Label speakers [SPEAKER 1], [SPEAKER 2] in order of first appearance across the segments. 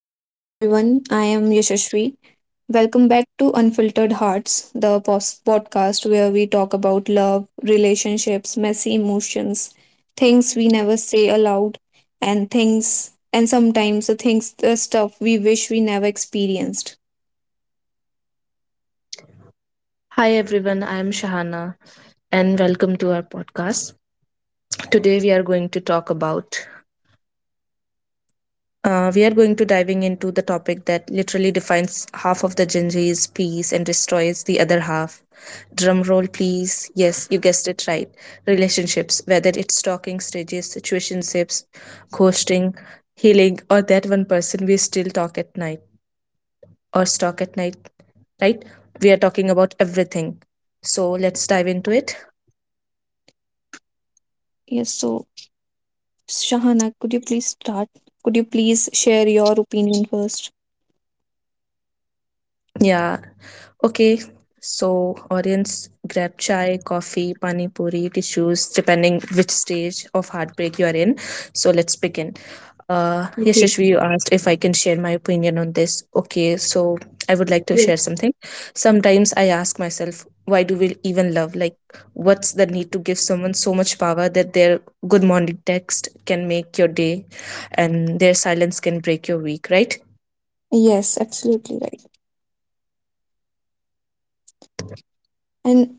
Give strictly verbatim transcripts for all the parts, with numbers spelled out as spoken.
[SPEAKER 1] Hi everyone, I am Yashashri. Welcome back to Unfiltered Hearts, the pos- podcast where we talk about love, relationships, messy emotions, things we never say aloud, and things, and sometimes the things, the stuff we wish we never experienced.
[SPEAKER 2] Hi everyone, I am Shahana and welcome to our podcast. Today we are going to talk about uh, we are going to diving into the topic that literally defines half of the Gen Z's peace and destroys the other half. Drum roll, please. Yes, you guessed it right. Relationships, whether it's stalking stages, situationships, ghosting, healing, or that one person we still talk at night or stalk at night, right? We are talking about everything. So let's dive into it.
[SPEAKER 1] Yes, so Shahana, could you please start? Could you please share your opinion first?
[SPEAKER 2] Yeah. Okay, so audience grab chai, coffee, pani puri, tissues, depending which stage of heartbreak you are in. So let's begin. Uh,
[SPEAKER 1] Okay.
[SPEAKER 2] Yashashvi, you asked if I can share my opinion on this. Okay, so I would like to
[SPEAKER 1] Yes.
[SPEAKER 2] share something. Sometimes I ask myself, why do we even love? Like, what's the need to give someone so much power that their good morning text can make your day and their silence can break your week, right?
[SPEAKER 1] Yes, absolutely right. And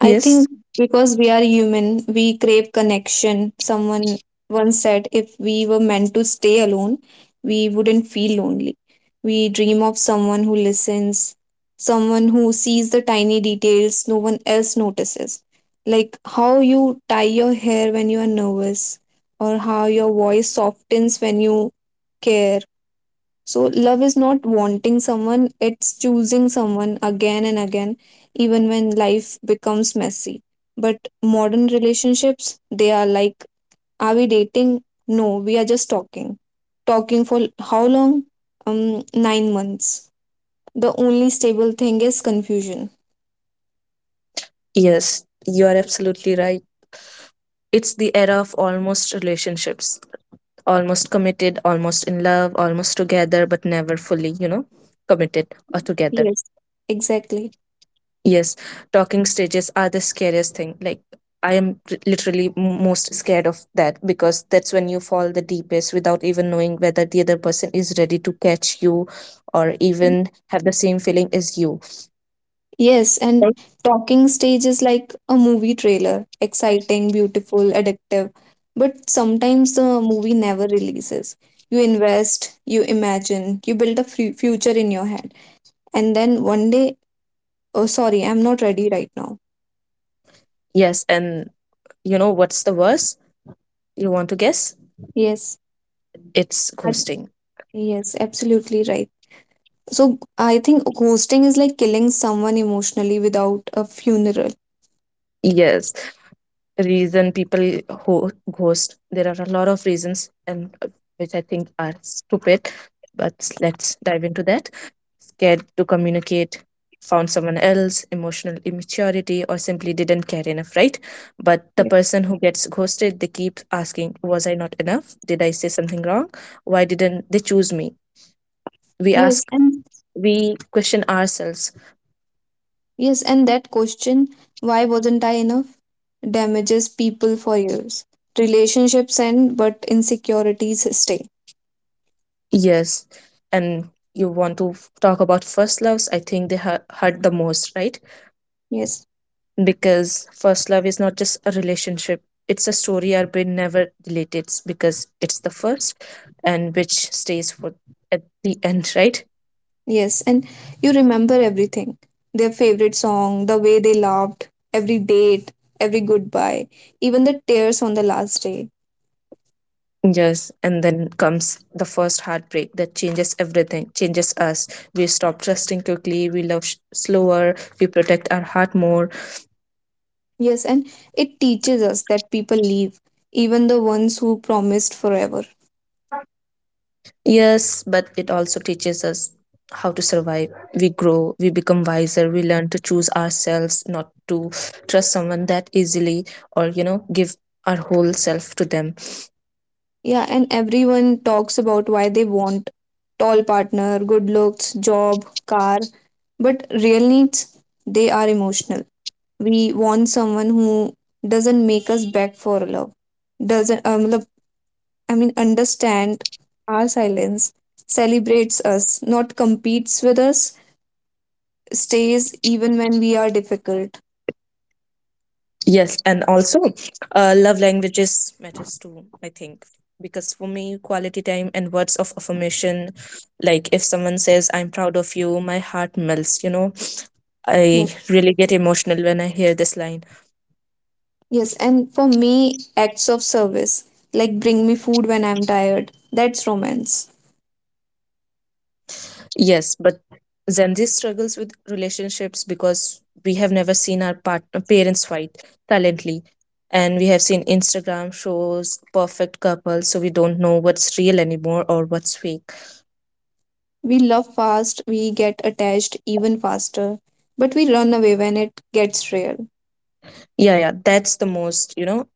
[SPEAKER 1] I
[SPEAKER 2] Yes,
[SPEAKER 1] think because we are human, we crave connection. Someone once said if we were meant to stay alone, we wouldn't feel lonely. We dream of someone who listens, someone who sees the tiny details no one else notices. Like how you tie your hair when you are nervous, or how your voice softens when you care. So love is not wanting someone, it's choosing someone again and again, even when life becomes messy. But modern relationships, they are like, are we dating? No, we are just talking. Talking for how long? Um, nine months. The only stable thing is confusion.
[SPEAKER 2] yes, you are absolutely right. It's the era of almost relationships, almost committed, almost in love, almost together, but never fully, you know, committed or together.
[SPEAKER 1] Yes. Exactly.
[SPEAKER 2] Yes, talking stages are the scariest thing. Like, I am r- literally m- most scared of that because that's when you fall the deepest without even knowing whether the other person is ready to catch you or even have the same feeling as you.
[SPEAKER 1] Yes, and
[SPEAKER 2] Right.
[SPEAKER 1] talking stage is like a movie trailer, exciting, beautiful, addictive. But sometimes the movie never releases. You invest, you imagine, you build a fu- future in your head. And then one day, oh, sorry, I'm not ready right now.
[SPEAKER 2] Yes, and you know what's the worst? You want to guess?
[SPEAKER 1] Yes,
[SPEAKER 2] It's
[SPEAKER 1] I-
[SPEAKER 2] ghosting.
[SPEAKER 1] yes, absolutely right. So I think ghosting is like killing someone emotionally without a funeral.
[SPEAKER 2] Yes, reason people ho- ghost, there are a lot of reasons and, uh, which I think are stupid, but let's dive into that. Scared to communicate, found someone else, emotional immaturity, or simply didn't care enough, right? But the
[SPEAKER 1] Yeah.
[SPEAKER 2] person who gets ghosted, they keep asking, was I not enough? Did I say something wrong? Why didn't they choose me? We
[SPEAKER 1] Yes,
[SPEAKER 2] ask,
[SPEAKER 1] and
[SPEAKER 2] we question ourselves.
[SPEAKER 1] yes, and that question, why wasn't I enough, damages people for years. Relationships end, but insecurities stay.
[SPEAKER 2] Yes, and you want to f- talk about first loves? I think they hu- hurt the most, right?
[SPEAKER 1] Yes,
[SPEAKER 2] Because first love is not just a relationship, it's a story our brain never deletes because it's the first, and which stays for at the end, right?
[SPEAKER 1] yes, and you remember everything, their favorite song, the way they laughed, every date, every goodbye, even the tears on the last day.
[SPEAKER 2] Yes, and then comes the first heartbreak that changes everything, changes us. We stop trusting quickly, we love sh- slower, we protect our heart more.
[SPEAKER 1] Yes, and it teaches us that people leave, even the ones who promised forever.
[SPEAKER 2] Yes, but it also teaches us how to survive. We grow, we become wiser, we learn to choose ourselves, not to trust someone that easily or, you know, give our whole self to them.
[SPEAKER 1] Yeah, and everyone talks about why they want tall partner, good looks, job, car. But real needs, they are emotional. We want someone who doesn't make us beg for love, doesn't, um, love- I mean, understand our silence, celebrates us, not competes with us, stays even when we are difficult.
[SPEAKER 2] Yes, and also uh, love languages matters too, I think. Because for me, quality time and words of affirmation, like if someone says, I'm proud of you, my heart melts, you know.
[SPEAKER 1] Yeah.
[SPEAKER 2] I really get emotional when I hear this line.
[SPEAKER 1] Yes, and for me, acts of service, like bring me food when I'm tired, that's romance.
[SPEAKER 2] Yes, but Gen Z struggles with relationships because we have never seen our partner parents fight silently. And we have seen Instagram shows perfect couples, so we don't know what's real anymore or what's fake.
[SPEAKER 1] We love fast, we get attached even faster, but we run away when it gets real.
[SPEAKER 2] Yeah, yeah, that's the most, you know,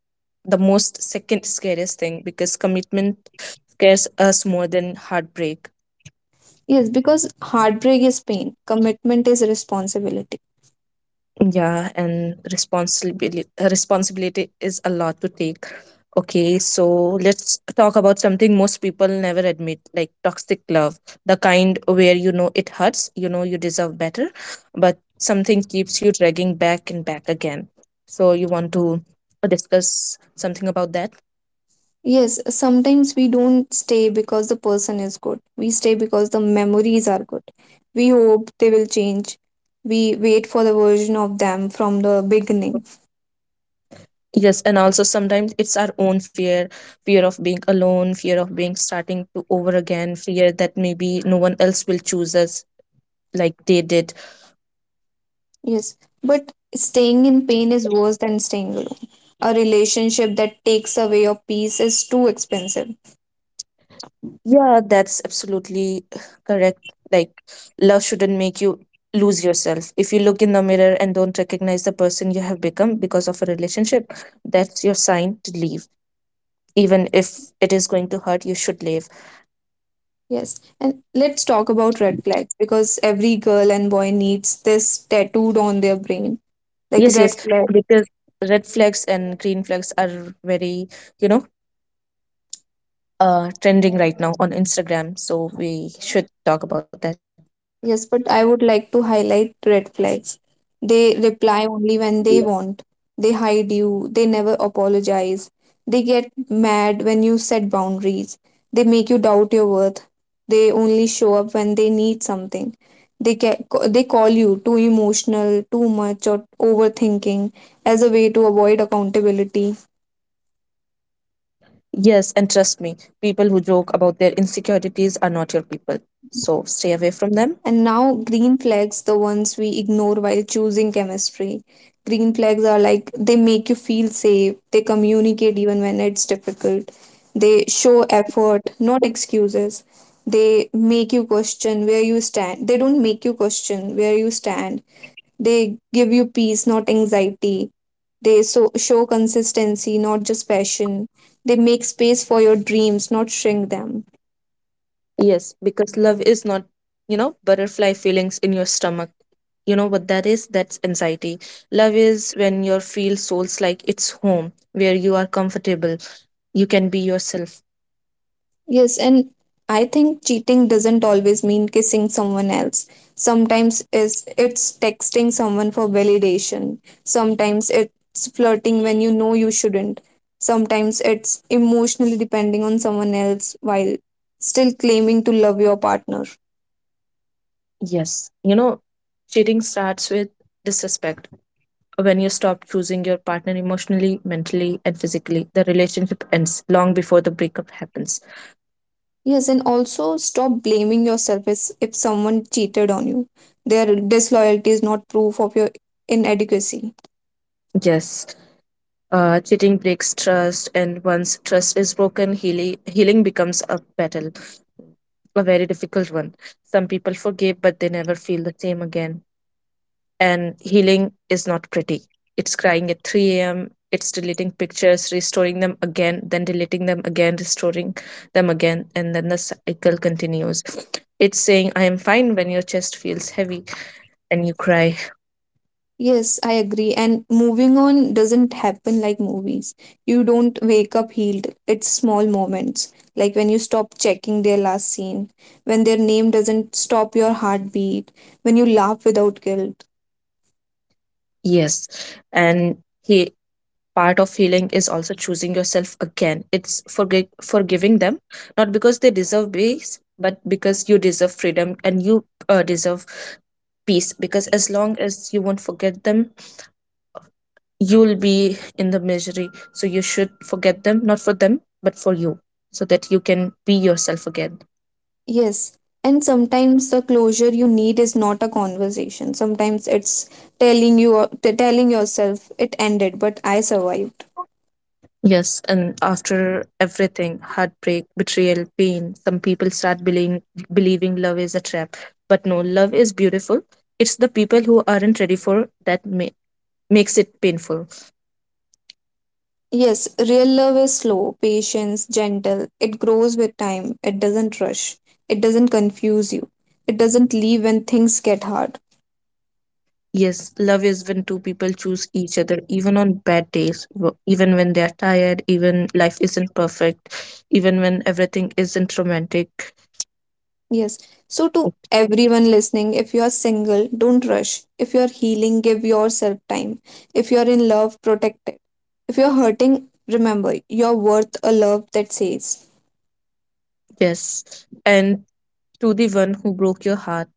[SPEAKER 2] the most second scariest thing because commitment scares us more than heartbreak.
[SPEAKER 1] Yes, because heartbreak is pain, commitment is responsibility.
[SPEAKER 2] Yeah, and responsibility responsibility is a lot to take. Okay, so let's talk about something most people never admit, like toxic love, the kind where you know it hurts, you know you deserve better, but something keeps you dragging back and back again. So you want to discuss something about that?
[SPEAKER 1] Yes, sometimes we don't stay because the person is good. We stay because the memories are good. We hope they will change. We wait for the version of them from the beginning.
[SPEAKER 2] Yes, and also sometimes it's our own fear, fear of being alone, fear of being starting to over again, fear that maybe no one else will choose us like they did.
[SPEAKER 1] Yes, but staying in pain is worse than staying alone. A relationship that takes away your peace is too expensive.
[SPEAKER 2] Yeah, that's absolutely correct. Like, love shouldn't make you lose yourself. If you look in the mirror and don't recognize the person you have become because of a relationship, that's your sign to leave. Even if it is going to hurt, you should leave.
[SPEAKER 1] Yes, and let's talk about red flags because every girl and boy needs this tattooed on their brain like
[SPEAKER 2] Yes,
[SPEAKER 1] red
[SPEAKER 2] yes,
[SPEAKER 1] flag.
[SPEAKER 2] because red flags and green flags are very, you know, uh, trending right now on Instagram. So we should talk about that.
[SPEAKER 1] Yes, but I would like to highlight red flags. They reply only when they want. They hide you. They never apologize. They get mad when you set boundaries. They make you doubt your worth. They only show up when they need something. They ca- they call you too emotional, too much, or overthinking as a way to avoid accountability.
[SPEAKER 2] Yes, and trust me, people who joke about their insecurities are not your people. So stay away from them.
[SPEAKER 1] And now, green flags, the ones we ignore while choosing chemistry. Green flags are like they make you feel safe, they communicate even when it's difficult, they show effort, not excuses. They make you question where you stand. They don't make you question where you stand. They give you peace, not anxiety. They so, show consistency, not just passion. They make space for your dreams, not shrink them.
[SPEAKER 2] Yes, because love is not, you know, butterfly feelings in your stomach. You know what that is? That's anxiety. Love is when you feel souls like it's home, where you are comfortable, you can be yourself.
[SPEAKER 1] Yes, and I think cheating doesn't always mean kissing someone else. Sometimes it's it's texting someone for validation. Sometimes it's flirting when you know you shouldn't. Sometimes it's emotionally depending on someone else while still claiming to love your partner.
[SPEAKER 2] Yes, you know, cheating starts with disrespect. When you stop choosing your partner emotionally, mentally, and physically, the relationship ends long before the breakup happens.
[SPEAKER 1] Yes, and also stop blaming yourself as if someone cheated on you. Their disloyalty is not proof of your inadequacy.
[SPEAKER 2] Yes, uh, cheating breaks trust, and once trust is broken, healing, healing becomes a battle, a very difficult one. Some people forgive but they never feel the same again. And healing is not pretty. It's crying at three a m, it's deleting pictures, restoring them again, then deleting them again, restoring them again, and then the cycle continues. It's saying, I am fine when your chest feels heavy and you cry,
[SPEAKER 1] Yes, I agree. And moving on doesn't happen like movies. You don't wake up healed. It's small moments, like when you stop checking their last scene, when their name doesn't stop your heartbeat, when you laugh without guilt.
[SPEAKER 2] yes. And, he, part of healing is also choosing yourself again. It's forgi- forgiving them, not because they deserve peace, but because you deserve freedom and you, uh, deserve peace. Because as long as you won't forget them, you'll be in the misery. So you should forget them, not for them, but for you, so that you can be yourself again.
[SPEAKER 1] Yes, and sometimes the closure you need is not a conversation. Sometimes it's telling you, t- telling yourself, it ended, but I survived.
[SPEAKER 2] Yes, and after everything, heartbreak, betrayal, pain, some people start believing, believing love is a trap. But no, love is beautiful. It's the people who aren't ready for that ma- makes it painful.
[SPEAKER 1] Yes, real love is slow, patient, gentle. It grows with time. It doesn't rush. It doesn't confuse you. It doesn't leave when things get hard.
[SPEAKER 2] Yes, love is when two people choose each other, even on bad days, w- even when they are tired, even life isn't perfect, even when everything isn't romantic.
[SPEAKER 1] Yes. So, to everyone listening, if you are single, don't rush. If you are healing, give yourself time. If you are in love, protect it. If you are hurting, remember you're worth a love that says,
[SPEAKER 2] Yes. And to the one who broke your heart,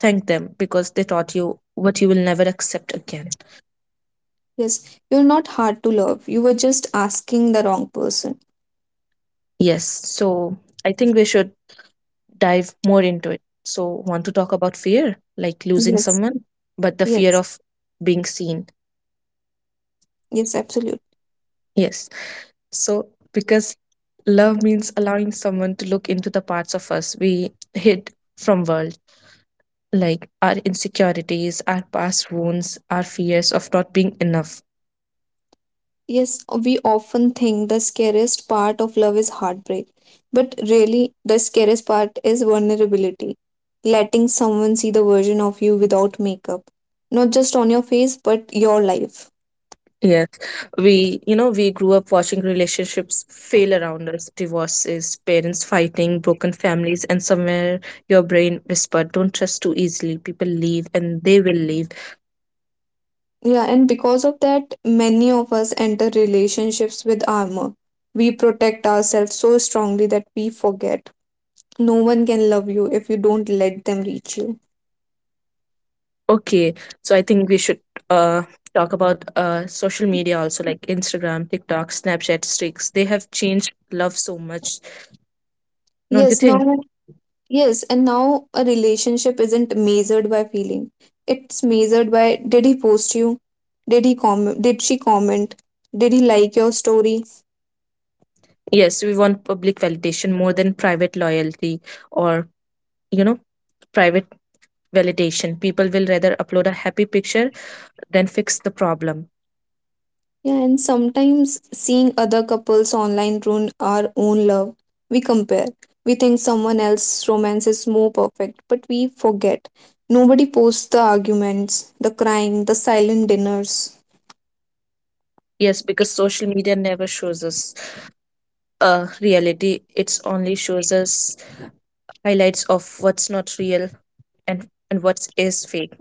[SPEAKER 2] thank them because they taught you what you will never accept again.
[SPEAKER 1] yes, you're not hard to love. You were just asking the wrong person.
[SPEAKER 2] Yes. So I think we should dive more into it. So, want to talk about fear, like losing
[SPEAKER 1] Yes.
[SPEAKER 2] someone, but the fear
[SPEAKER 1] Yes.
[SPEAKER 2] of being seen.
[SPEAKER 1] Yes, absolutely.
[SPEAKER 2] Yes. So, because love means allowing someone to look into the parts of us we hid from world, like our insecurities, our past wounds, our fears of not being enough.
[SPEAKER 1] Yes, we often think the scariest part of love is heartbreak, but really, the scariest part is vulnerability. Letting someone see the version of you without makeup, not just on your face, but your life.
[SPEAKER 2] Yes, we, you know, we grew up watching relationships fail around us, divorces, parents fighting, broken families, and somewhere your brain whispered, don't trust too easily. People leave and they will leave.
[SPEAKER 1] Yeah, and because of that, many of us enter relationships with armor. We protect ourselves so strongly that we forget. No one can love you if you don't let them reach you.
[SPEAKER 2] Okay, so I think we should uh talk about uh social media also, like Instagram, TikTok, Snapchat, streaks. They have changed love so much, don't you
[SPEAKER 1] Yes,
[SPEAKER 2] think?
[SPEAKER 1] now yes, and now a relationship isn't measured by feeling. It's measured by did he post you? Did he comment? Did she comment? Did he like your story?
[SPEAKER 2] Yes, we want public validation more than private loyalty, or, you know, private validation. People will rather upload a happy picture then fix the problem.
[SPEAKER 1] Yeah, and sometimes seeing other couples online ruin our own love. We compare. We think someone else's romance is more perfect, but we forget. Nobody posts the arguments, the crying, the silent dinners.
[SPEAKER 2] Yes, because social media never shows us uh, reality. It's only shows us highlights of what's not real and and what is fake.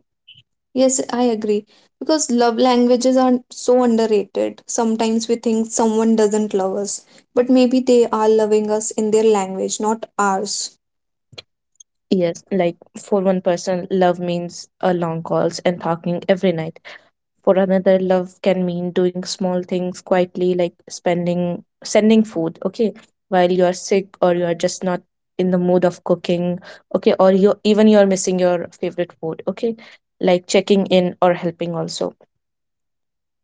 [SPEAKER 1] Yes, I agree. Because love languages are so underrated. Sometimes we think someone doesn't love us, but maybe they are loving us in their language, not ours.
[SPEAKER 2] Yes, like for one person, love means uh, long calls and talking every night. For another, love can mean doing small things quietly, like spending sending food, okay, while you are sick or you are just not in the mood of cooking, okay, or you even you are missing your favorite food, okay, like checking in or helping also.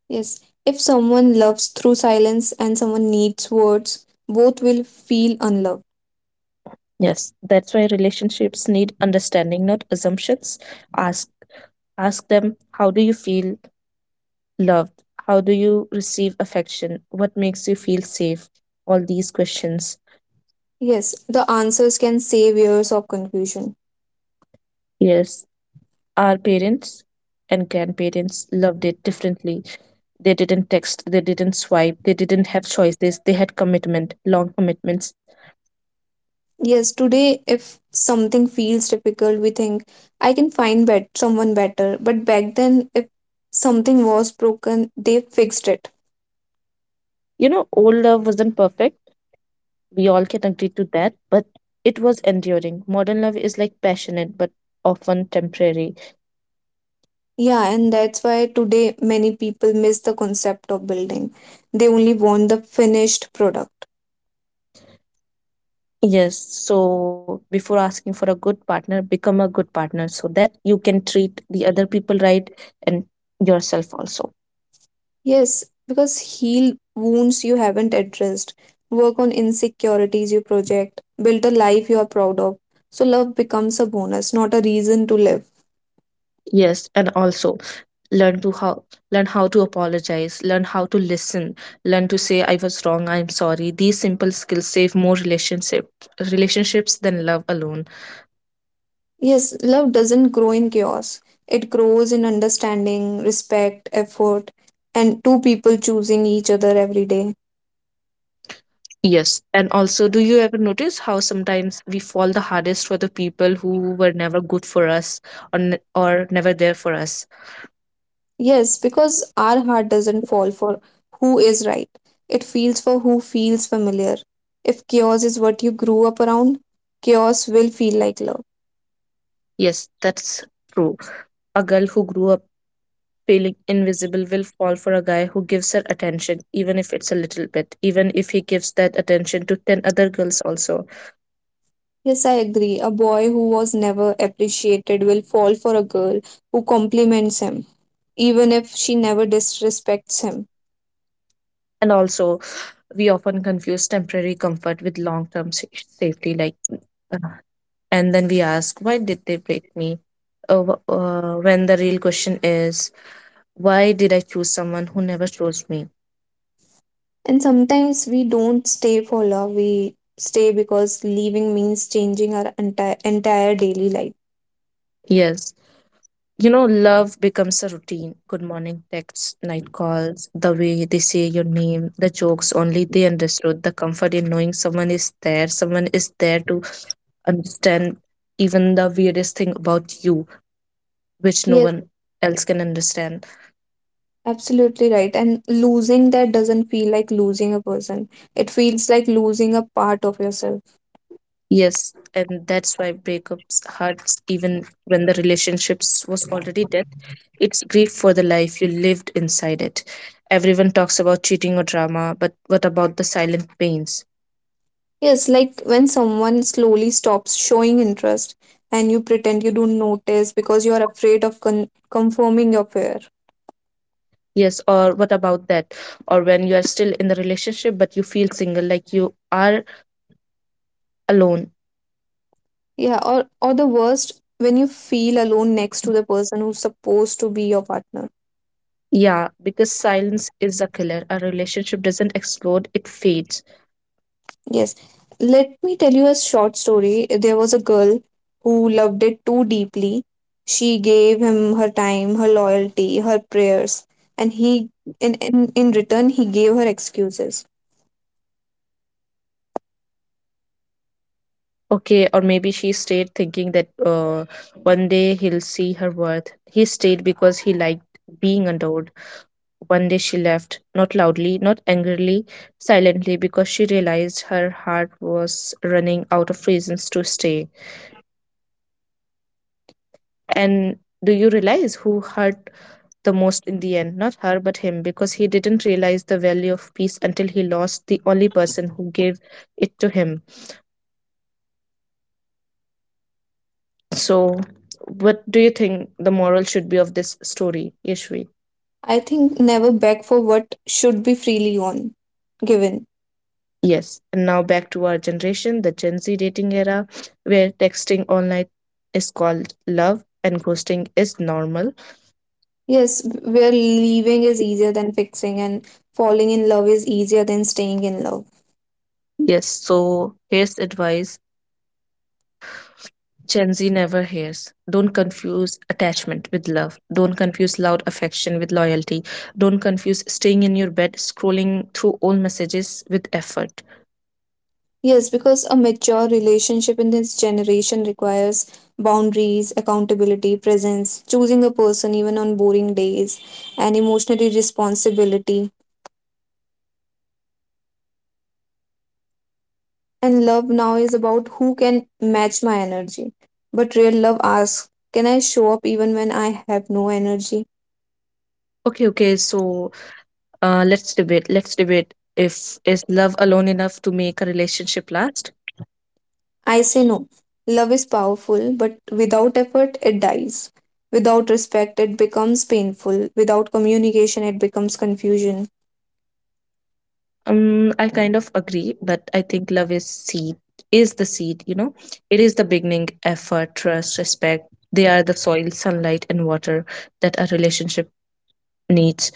[SPEAKER 1] Yes, if someone loves through silence and someone needs words, both will feel unloved.
[SPEAKER 2] Yes, that's why relationships need understanding, not assumptions. Ask Ask them, how do you feel loved? How do you receive affection? What makes you feel safe? All these questions.
[SPEAKER 1] Yes, the answers can save years of confusion.
[SPEAKER 2] Yes, our parents and grandparents loved it differently. They didn't text, they didn't swipe, they didn't have choices, they had commitment, long commitments.
[SPEAKER 1] Yes, today, if something feels difficult, we think, I can find bet- someone better. But back then, if something was broken, they fixed it.
[SPEAKER 2] You know, old love wasn't perfect. We all can agree to that, but it was enduring. Modern love is like passionate, but often temporary.
[SPEAKER 1] Yeah, and that's why today many people miss the concept of building. They only want the finished product.
[SPEAKER 2] Yes, so before asking for a good partner, become a good partner so that you can treat the other people right and yourself also.
[SPEAKER 1] Yes, because heal wounds you haven't addressed, work on insecurities you project, build a life you are proud of. So love becomes a bonus, not a reason to live.
[SPEAKER 2] Yes, and also learn to how learn how to apologize, learn how to listen, learn to say I was wrong, I'm sorry. These simple skills save more relationship relationships than love alone.
[SPEAKER 1] Yes, love doesn't grow in chaos. It grows in understanding, respect, effort, and two people choosing each other every day.
[SPEAKER 2] Yes, and also, do you ever notice how sometimes we fall the hardest for the people who were never good for us, or, n- or never there for us?
[SPEAKER 1] Yes, because our heart doesn't fall for who is right. It feels for who feels familiar. If chaos is what you grew up around, chaos will feel like love.
[SPEAKER 2] Yes, that's true. A girl who grew up feeling invisible will fall for a guy who gives her attention, even if it's a little bit, even if he gives that attention to ten other girls also.
[SPEAKER 1] Yes, I agree. A boy who was never appreciated will fall for a girl who compliments him, even if she never disrespects him.
[SPEAKER 2] And also, we often confuse temporary comfort with long term safety, like, uh, and then we ask, why did they break me? Uh, wh- uh, when the real question is, why did I choose someone who never chose me?
[SPEAKER 1] And sometimes we don't stay for love, we stay because leaving means changing our entire, entire daily life.
[SPEAKER 2] Yes, you know, love becomes a routine, good morning texts, night calls, the way they say your name, the jokes only they understood, the comfort in knowing someone is there, someone is there to understand even the weirdest thing about you, which no
[SPEAKER 1] Yes.
[SPEAKER 2] one else can understand.
[SPEAKER 1] Absolutely right. And losing that doesn't feel like losing a person. It feels like losing a part of yourself.
[SPEAKER 2] Yes, and that's why breakups hurts even when the relationships was already dead. It's grief for the life you lived inside it. Everyone talks about cheating or drama, but what about the silent pains?
[SPEAKER 1] Yes, like when someone slowly stops showing interest and you pretend you don't notice because you are afraid of con- confirming your fear.
[SPEAKER 2] Yes, or what about that? Or when you are still in the relationship but you feel single, like you are alone.
[SPEAKER 1] Yeah, or, or the worst, when you feel alone next to the person who's supposed to be your partner.
[SPEAKER 2] Yeah, because silence is a killer. A relationship doesn't explode, it fades.
[SPEAKER 1] Yes. Let me tell you a short story. There was a girl who loved it too deeply. She gave him her time, her loyalty, her prayers, and he in, in, in return he gave her excuses.
[SPEAKER 2] Okay, or maybe she stayed thinking that uh, one day he'll see her worth. He stayed because he liked being adored. One day she left, not loudly, not angrily, silently, because she realized her heart was running out of reasons to stay. And do you realize who hurt the most in the end? Not her, but him, because he didn't realize the value of peace until he lost the only person who gave it to him. So, what do you think the moral should be of this story, Yashvi?
[SPEAKER 1] I think never beg for what should be freely on given.
[SPEAKER 2] Yes, and now back to our generation, the Gen Z dating era, where texting all night is called love and ghosting is normal.
[SPEAKER 1] Yes, where leaving is easier than fixing and falling in love is easier than staying in love.
[SPEAKER 2] Yes, so here's advice Gen Z never hears. Don't confuse attachment with love. Don't confuse loud affection with loyalty. Don't confuse staying in your bed, scrolling through all messages with effort.
[SPEAKER 1] Yes, because a mature relationship in this generation requires boundaries, accountability, presence, choosing a person even on boring days, and emotional responsibility. And love now is about who can match my energy. But real love asks, can I show up even when I have no energy?
[SPEAKER 2] Okay, okay, so uh, let's debate. Let's debate if is love alone enough to make a relationship last.
[SPEAKER 1] I say no. Love is powerful, but without effort, it dies. Without respect, it becomes painful. Without communication, it becomes confusion.
[SPEAKER 2] Um, I kind of agree, but I think love is seed is the seed, you know. It is the beginning, effort, trust, respect. They are the soil, sunlight, and water that a relationship needs.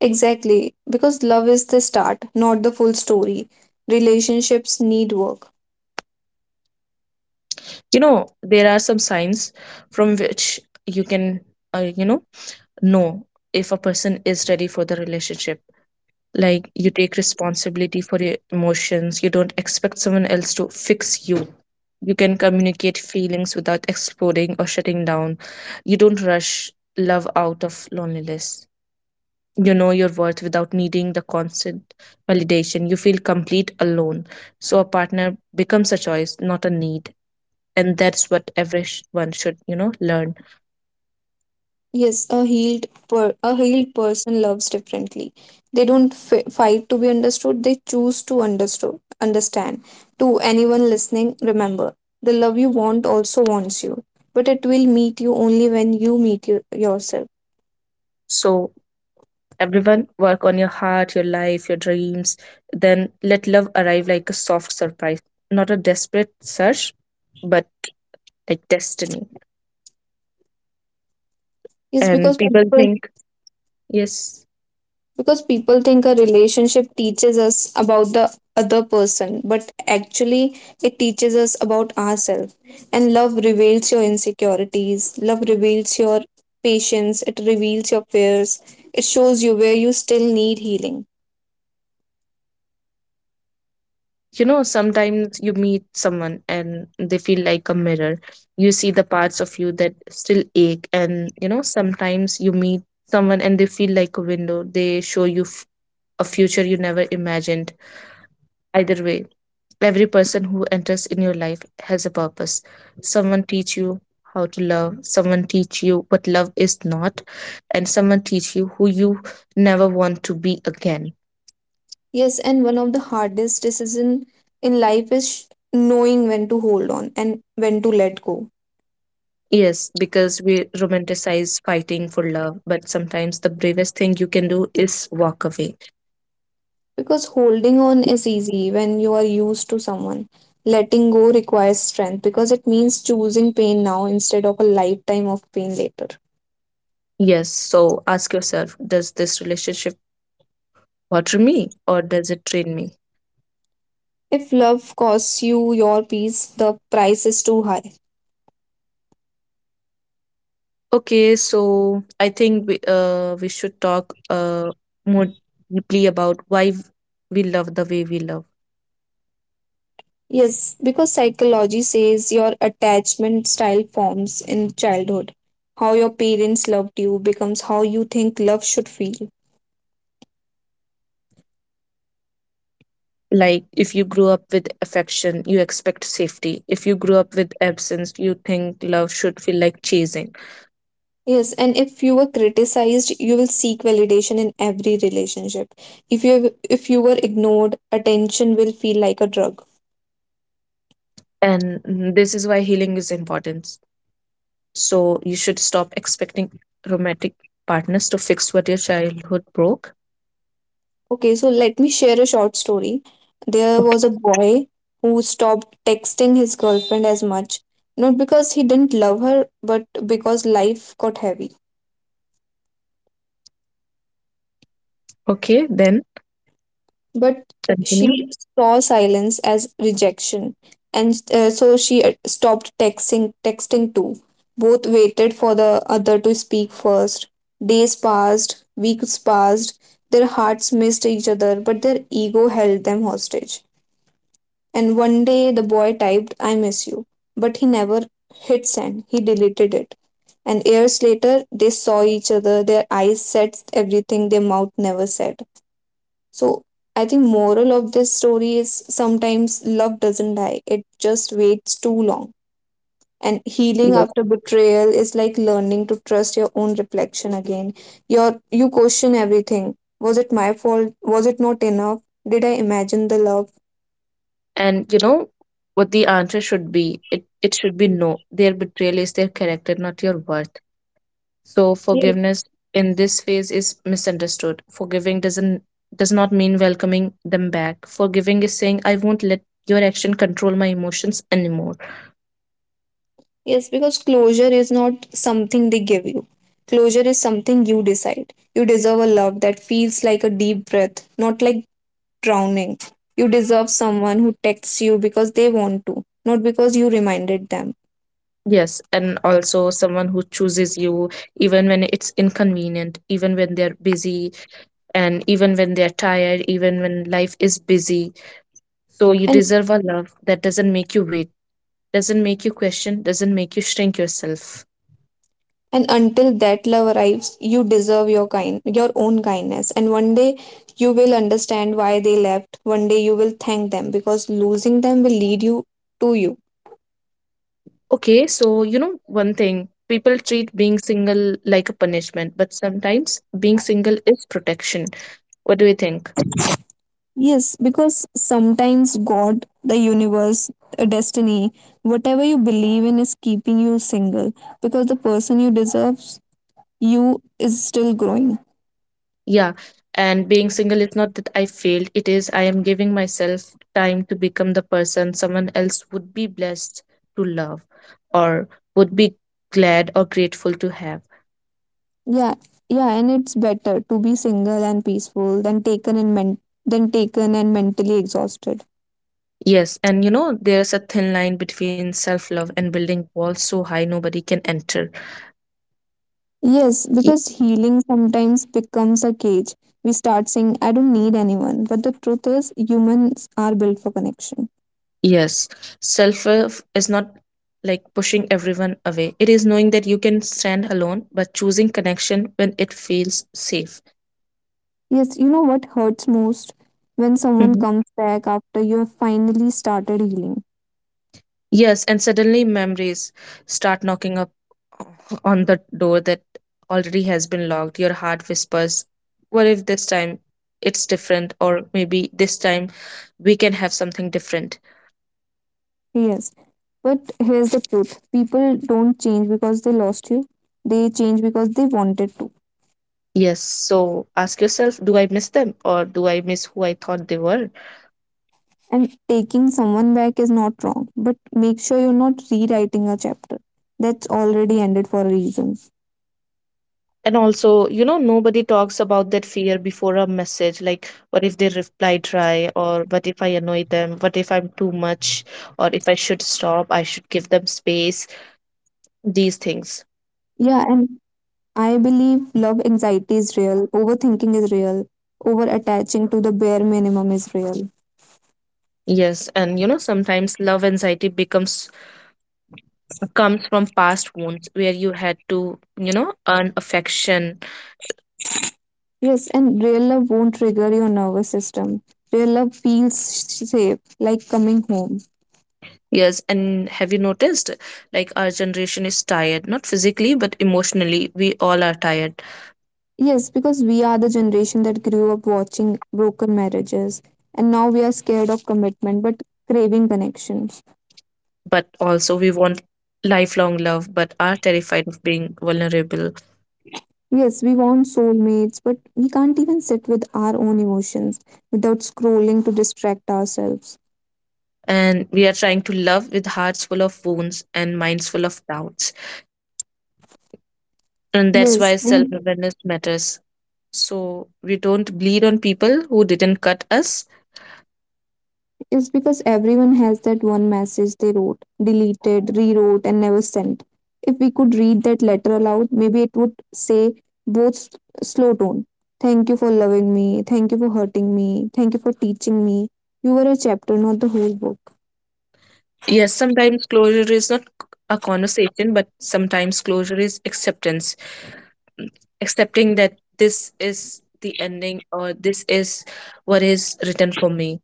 [SPEAKER 1] Exactly, because love is the start, not the full story. Relationships need work.
[SPEAKER 2] You know, there are some signs from which you can, uh, you know, know if a person is ready for the relationship, like you take responsibility for your emotions, you don't expect someone else to fix you, you can communicate feelings without exploding or shutting down, you don't rush love out of loneliness, you know your worth without needing the constant validation, you feel complete alone, so a partner becomes a choice, not a need. And that's what everyone should, you know learn.
[SPEAKER 1] Yes, a healed per- a healed person loves differently. They don't fi- fight to be understood, they choose to understood, understand. To anyone listening, remember, the love you want also wants you, but it will meet you only when you meet you- yourself.
[SPEAKER 2] So everyone work on your heart, your life, your dreams. Then let love arrive like a soft surprise, not a desperate search, but like destiny.
[SPEAKER 1] Yes,
[SPEAKER 2] And
[SPEAKER 1] because
[SPEAKER 2] people
[SPEAKER 1] people
[SPEAKER 2] think, yes,
[SPEAKER 1] because people think a relationship teaches us about the other person but actually it teaches us about ourselves and love reveals your insecurities, love reveals your patience, it reveals your fears, it shows you where you still need healing.
[SPEAKER 2] you know, sometimes you meet someone and they feel like a mirror. You see the parts of you that still ache. And, you know, sometimes you meet someone and they feel like a window. They show you f- a future you never imagined. Either way, every person who enters in your life has a purpose. Someone teach you how to love, someone teach you what love is not, and someone teach you who you never want to be again.
[SPEAKER 1] Yes, and one of the hardest decision in life is sh- knowing when to hold on and when to let go.
[SPEAKER 2] Yes, because we romanticize fighting for love, but sometimes the bravest thing you can do is walk away.
[SPEAKER 1] Because holding on is easy when you are used to someone. Letting go requires strength because it means choosing pain now instead of a lifetime of pain later.
[SPEAKER 2] Yes, so ask yourself, does this relationship water me or does it drain me?
[SPEAKER 1] If love costs you your peace, the price is too high.
[SPEAKER 2] Okay, so I think we, uh, we should talk uh, more deeply about why we love the way we love.
[SPEAKER 1] Yes, because psychology says your attachment style forms in childhood. How your parents loved you becomes how you think love should feel.
[SPEAKER 2] Like, if you grew up with affection, you expect safety. If you grew up with absence, you think love should feel like chasing.
[SPEAKER 1] Yes, and if you were criticized, you will seek validation in every relationship. If you if you were ignored, attention will feel like a drug.
[SPEAKER 2] And mm, this is why healing is important. So, you should stop expecting romantic partners to fix what your childhood broke.
[SPEAKER 1] Okay, so let me share a short story. There
[SPEAKER 2] Okay,
[SPEAKER 1] was a boy who stopped texting his girlfriend as much, not because he didn't love her, but because life got heavy.
[SPEAKER 2] okay, then
[SPEAKER 1] But
[SPEAKER 2] continue.
[SPEAKER 1] she saw silence as rejection, and uh, so she uh, stopped texting. Texting too. Both waited for the other to speak first. Days passed, weeks passed. Their hearts missed each other, but their ego held them hostage. And one day, the boy typed, "I miss you," but he never hit send. He deleted it. And years later, they saw each other. Their eyes said everything their mouth never said. So I think moral of this story is sometimes love doesn't die. It just waits too long. And healing
[SPEAKER 2] Yes.
[SPEAKER 1] after betrayal is like learning to trust your own reflection again. Your you question everything. Was it my fault? Was it not enough? Did I imagine the love?
[SPEAKER 2] And you know what the answer should be? It it should be no. Their betrayal is their character, not your worth. So
[SPEAKER 1] Yes.
[SPEAKER 2] forgiveness in this phase is misunderstood. Forgiving doesn't does not mean welcoming them back. Forgiving is saying, I won't let your action control my emotions anymore.
[SPEAKER 1] Yes, because closure is not something they give you. Closure is something you decide. You deserve a love that feels like a deep breath, not like drowning. You deserve someone who texts you because they want to, not because you reminded them.
[SPEAKER 2] Yes, and also someone who chooses you even when it's inconvenient, even when they're busy, and even when they're tired, even when life is busy. So you
[SPEAKER 1] And
[SPEAKER 2] deserve a love that doesn't make you wait, doesn't make you question, doesn't make you shrink yourself.
[SPEAKER 1] and until that love arrives, you deserve your kind your own kindness. And one day you will understand why they left. One day you will thank them because losing them will lead you to you.
[SPEAKER 2] Okay, so you know one thing, people treat being single like a punishment, but sometimes being single is protection. What do you think?
[SPEAKER 1] Yes, because sometimes God, the universe, a destiny, whatever you believe in is keeping you single because the person you deserve you is still growing.
[SPEAKER 2] Yeah, and being single is not that I failed, it is I am giving myself time to become the person someone else would be blessed to love, or would be glad or grateful to have.
[SPEAKER 1] Yeah, yeah, and it's better to be single and peaceful than taken and men- than taken and mentally exhausted.
[SPEAKER 2] Yes, and you know, there's a thin line between self love and building walls so high nobody can enter.
[SPEAKER 1] Yes, because healing sometimes becomes a cage. We start saying, "I don't need anyone," but the truth is, humans are built for connection.
[SPEAKER 2] Yes, self love is not like pushing everyone away. It is knowing that you can stand alone, but choosing connection when it feels safe.
[SPEAKER 1] Yes, you know what hurts most when someone
[SPEAKER 2] Mhm.
[SPEAKER 1] comes back after you have finally started healing.
[SPEAKER 2] Yes, and suddenly memories start knocking up on the door that already has been locked. Your heart whispers, what if this time it's different? Or maybe this time we can have something different.
[SPEAKER 1] Yes, but here's the truth: people don't change because they lost you. They change because they wanted to.
[SPEAKER 2] Yes, so ask yourself, do I miss them? Or do I miss who I thought they were?
[SPEAKER 1] And taking someone back is not wrong, but make sure you're not rewriting a chapter that's already ended for a reason.
[SPEAKER 2] And also, you know, nobody talks about that fear before a message, like, what if they reply dry? Or what if I annoy them? What if I'm too much? Or if I should stop, I should give them space, these things.
[SPEAKER 1] Yeah, and I believe love anxiety is real, overthinking is real, over attaching to the bare minimum is real.
[SPEAKER 2] Yes, and you know, sometimes love anxiety becomes comes from past wounds where you had to, you know, earn affection.
[SPEAKER 1] Yes, and real love won't trigger your nervous system. Real love feels sh- safe, like coming home.
[SPEAKER 2] Yes, and have you noticed, like, our generation is tired, not physically but emotionally, we all are tired.
[SPEAKER 1] Yes, because we are the generation that grew up watching broken marriages, and now we are scared of commitment but craving connection.
[SPEAKER 2] But also we want lifelong love but are terrified of being vulnerable.
[SPEAKER 1] Yes, we want soulmates, but we can't even sit with our own emotions without scrolling to distract ourselves.
[SPEAKER 2] And we are trying to love with hearts full of wounds and minds full of doubts, and that's
[SPEAKER 1] Yes,
[SPEAKER 2] why
[SPEAKER 1] and
[SPEAKER 2] self-awareness matters, so we don't bleed on people who didn't cut us.
[SPEAKER 1] it's because everyone has that one message they wrote, deleted, rewrote, and never sent. If we could read that letter aloud, maybe it would say both s- slow tone. Thank you for loving me. Thank you for hurting me. Thank you for teaching me. You were a chapter, not the whole book.
[SPEAKER 2] Yes, sometimes closure is not a conversation, but sometimes closure is acceptance, accepting that this is the ending, or this is what is written for me.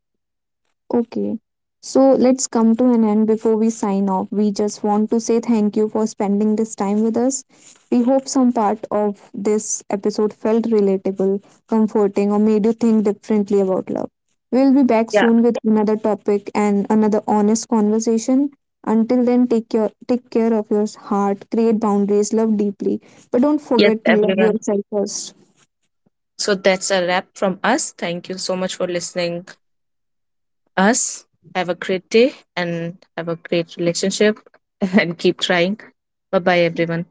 [SPEAKER 1] Okay. So let's come to an end before we sign off. We just want to say thank you for spending this time with us. We hope some part of this episode felt relatable, comforting, or made you think differently about love. We'll be back
[SPEAKER 2] Yeah.
[SPEAKER 1] soon with another topic and another honest conversation. Until then, take your take care of your heart, create boundaries, love deeply, but don't
[SPEAKER 2] Yes,
[SPEAKER 1] forget to love
[SPEAKER 2] everyone,
[SPEAKER 1] yourself first.
[SPEAKER 2] so that's a wrap from us. Thank you so much for listening us. Have a great day and have a great relationship and keep trying. Bye bye everyone.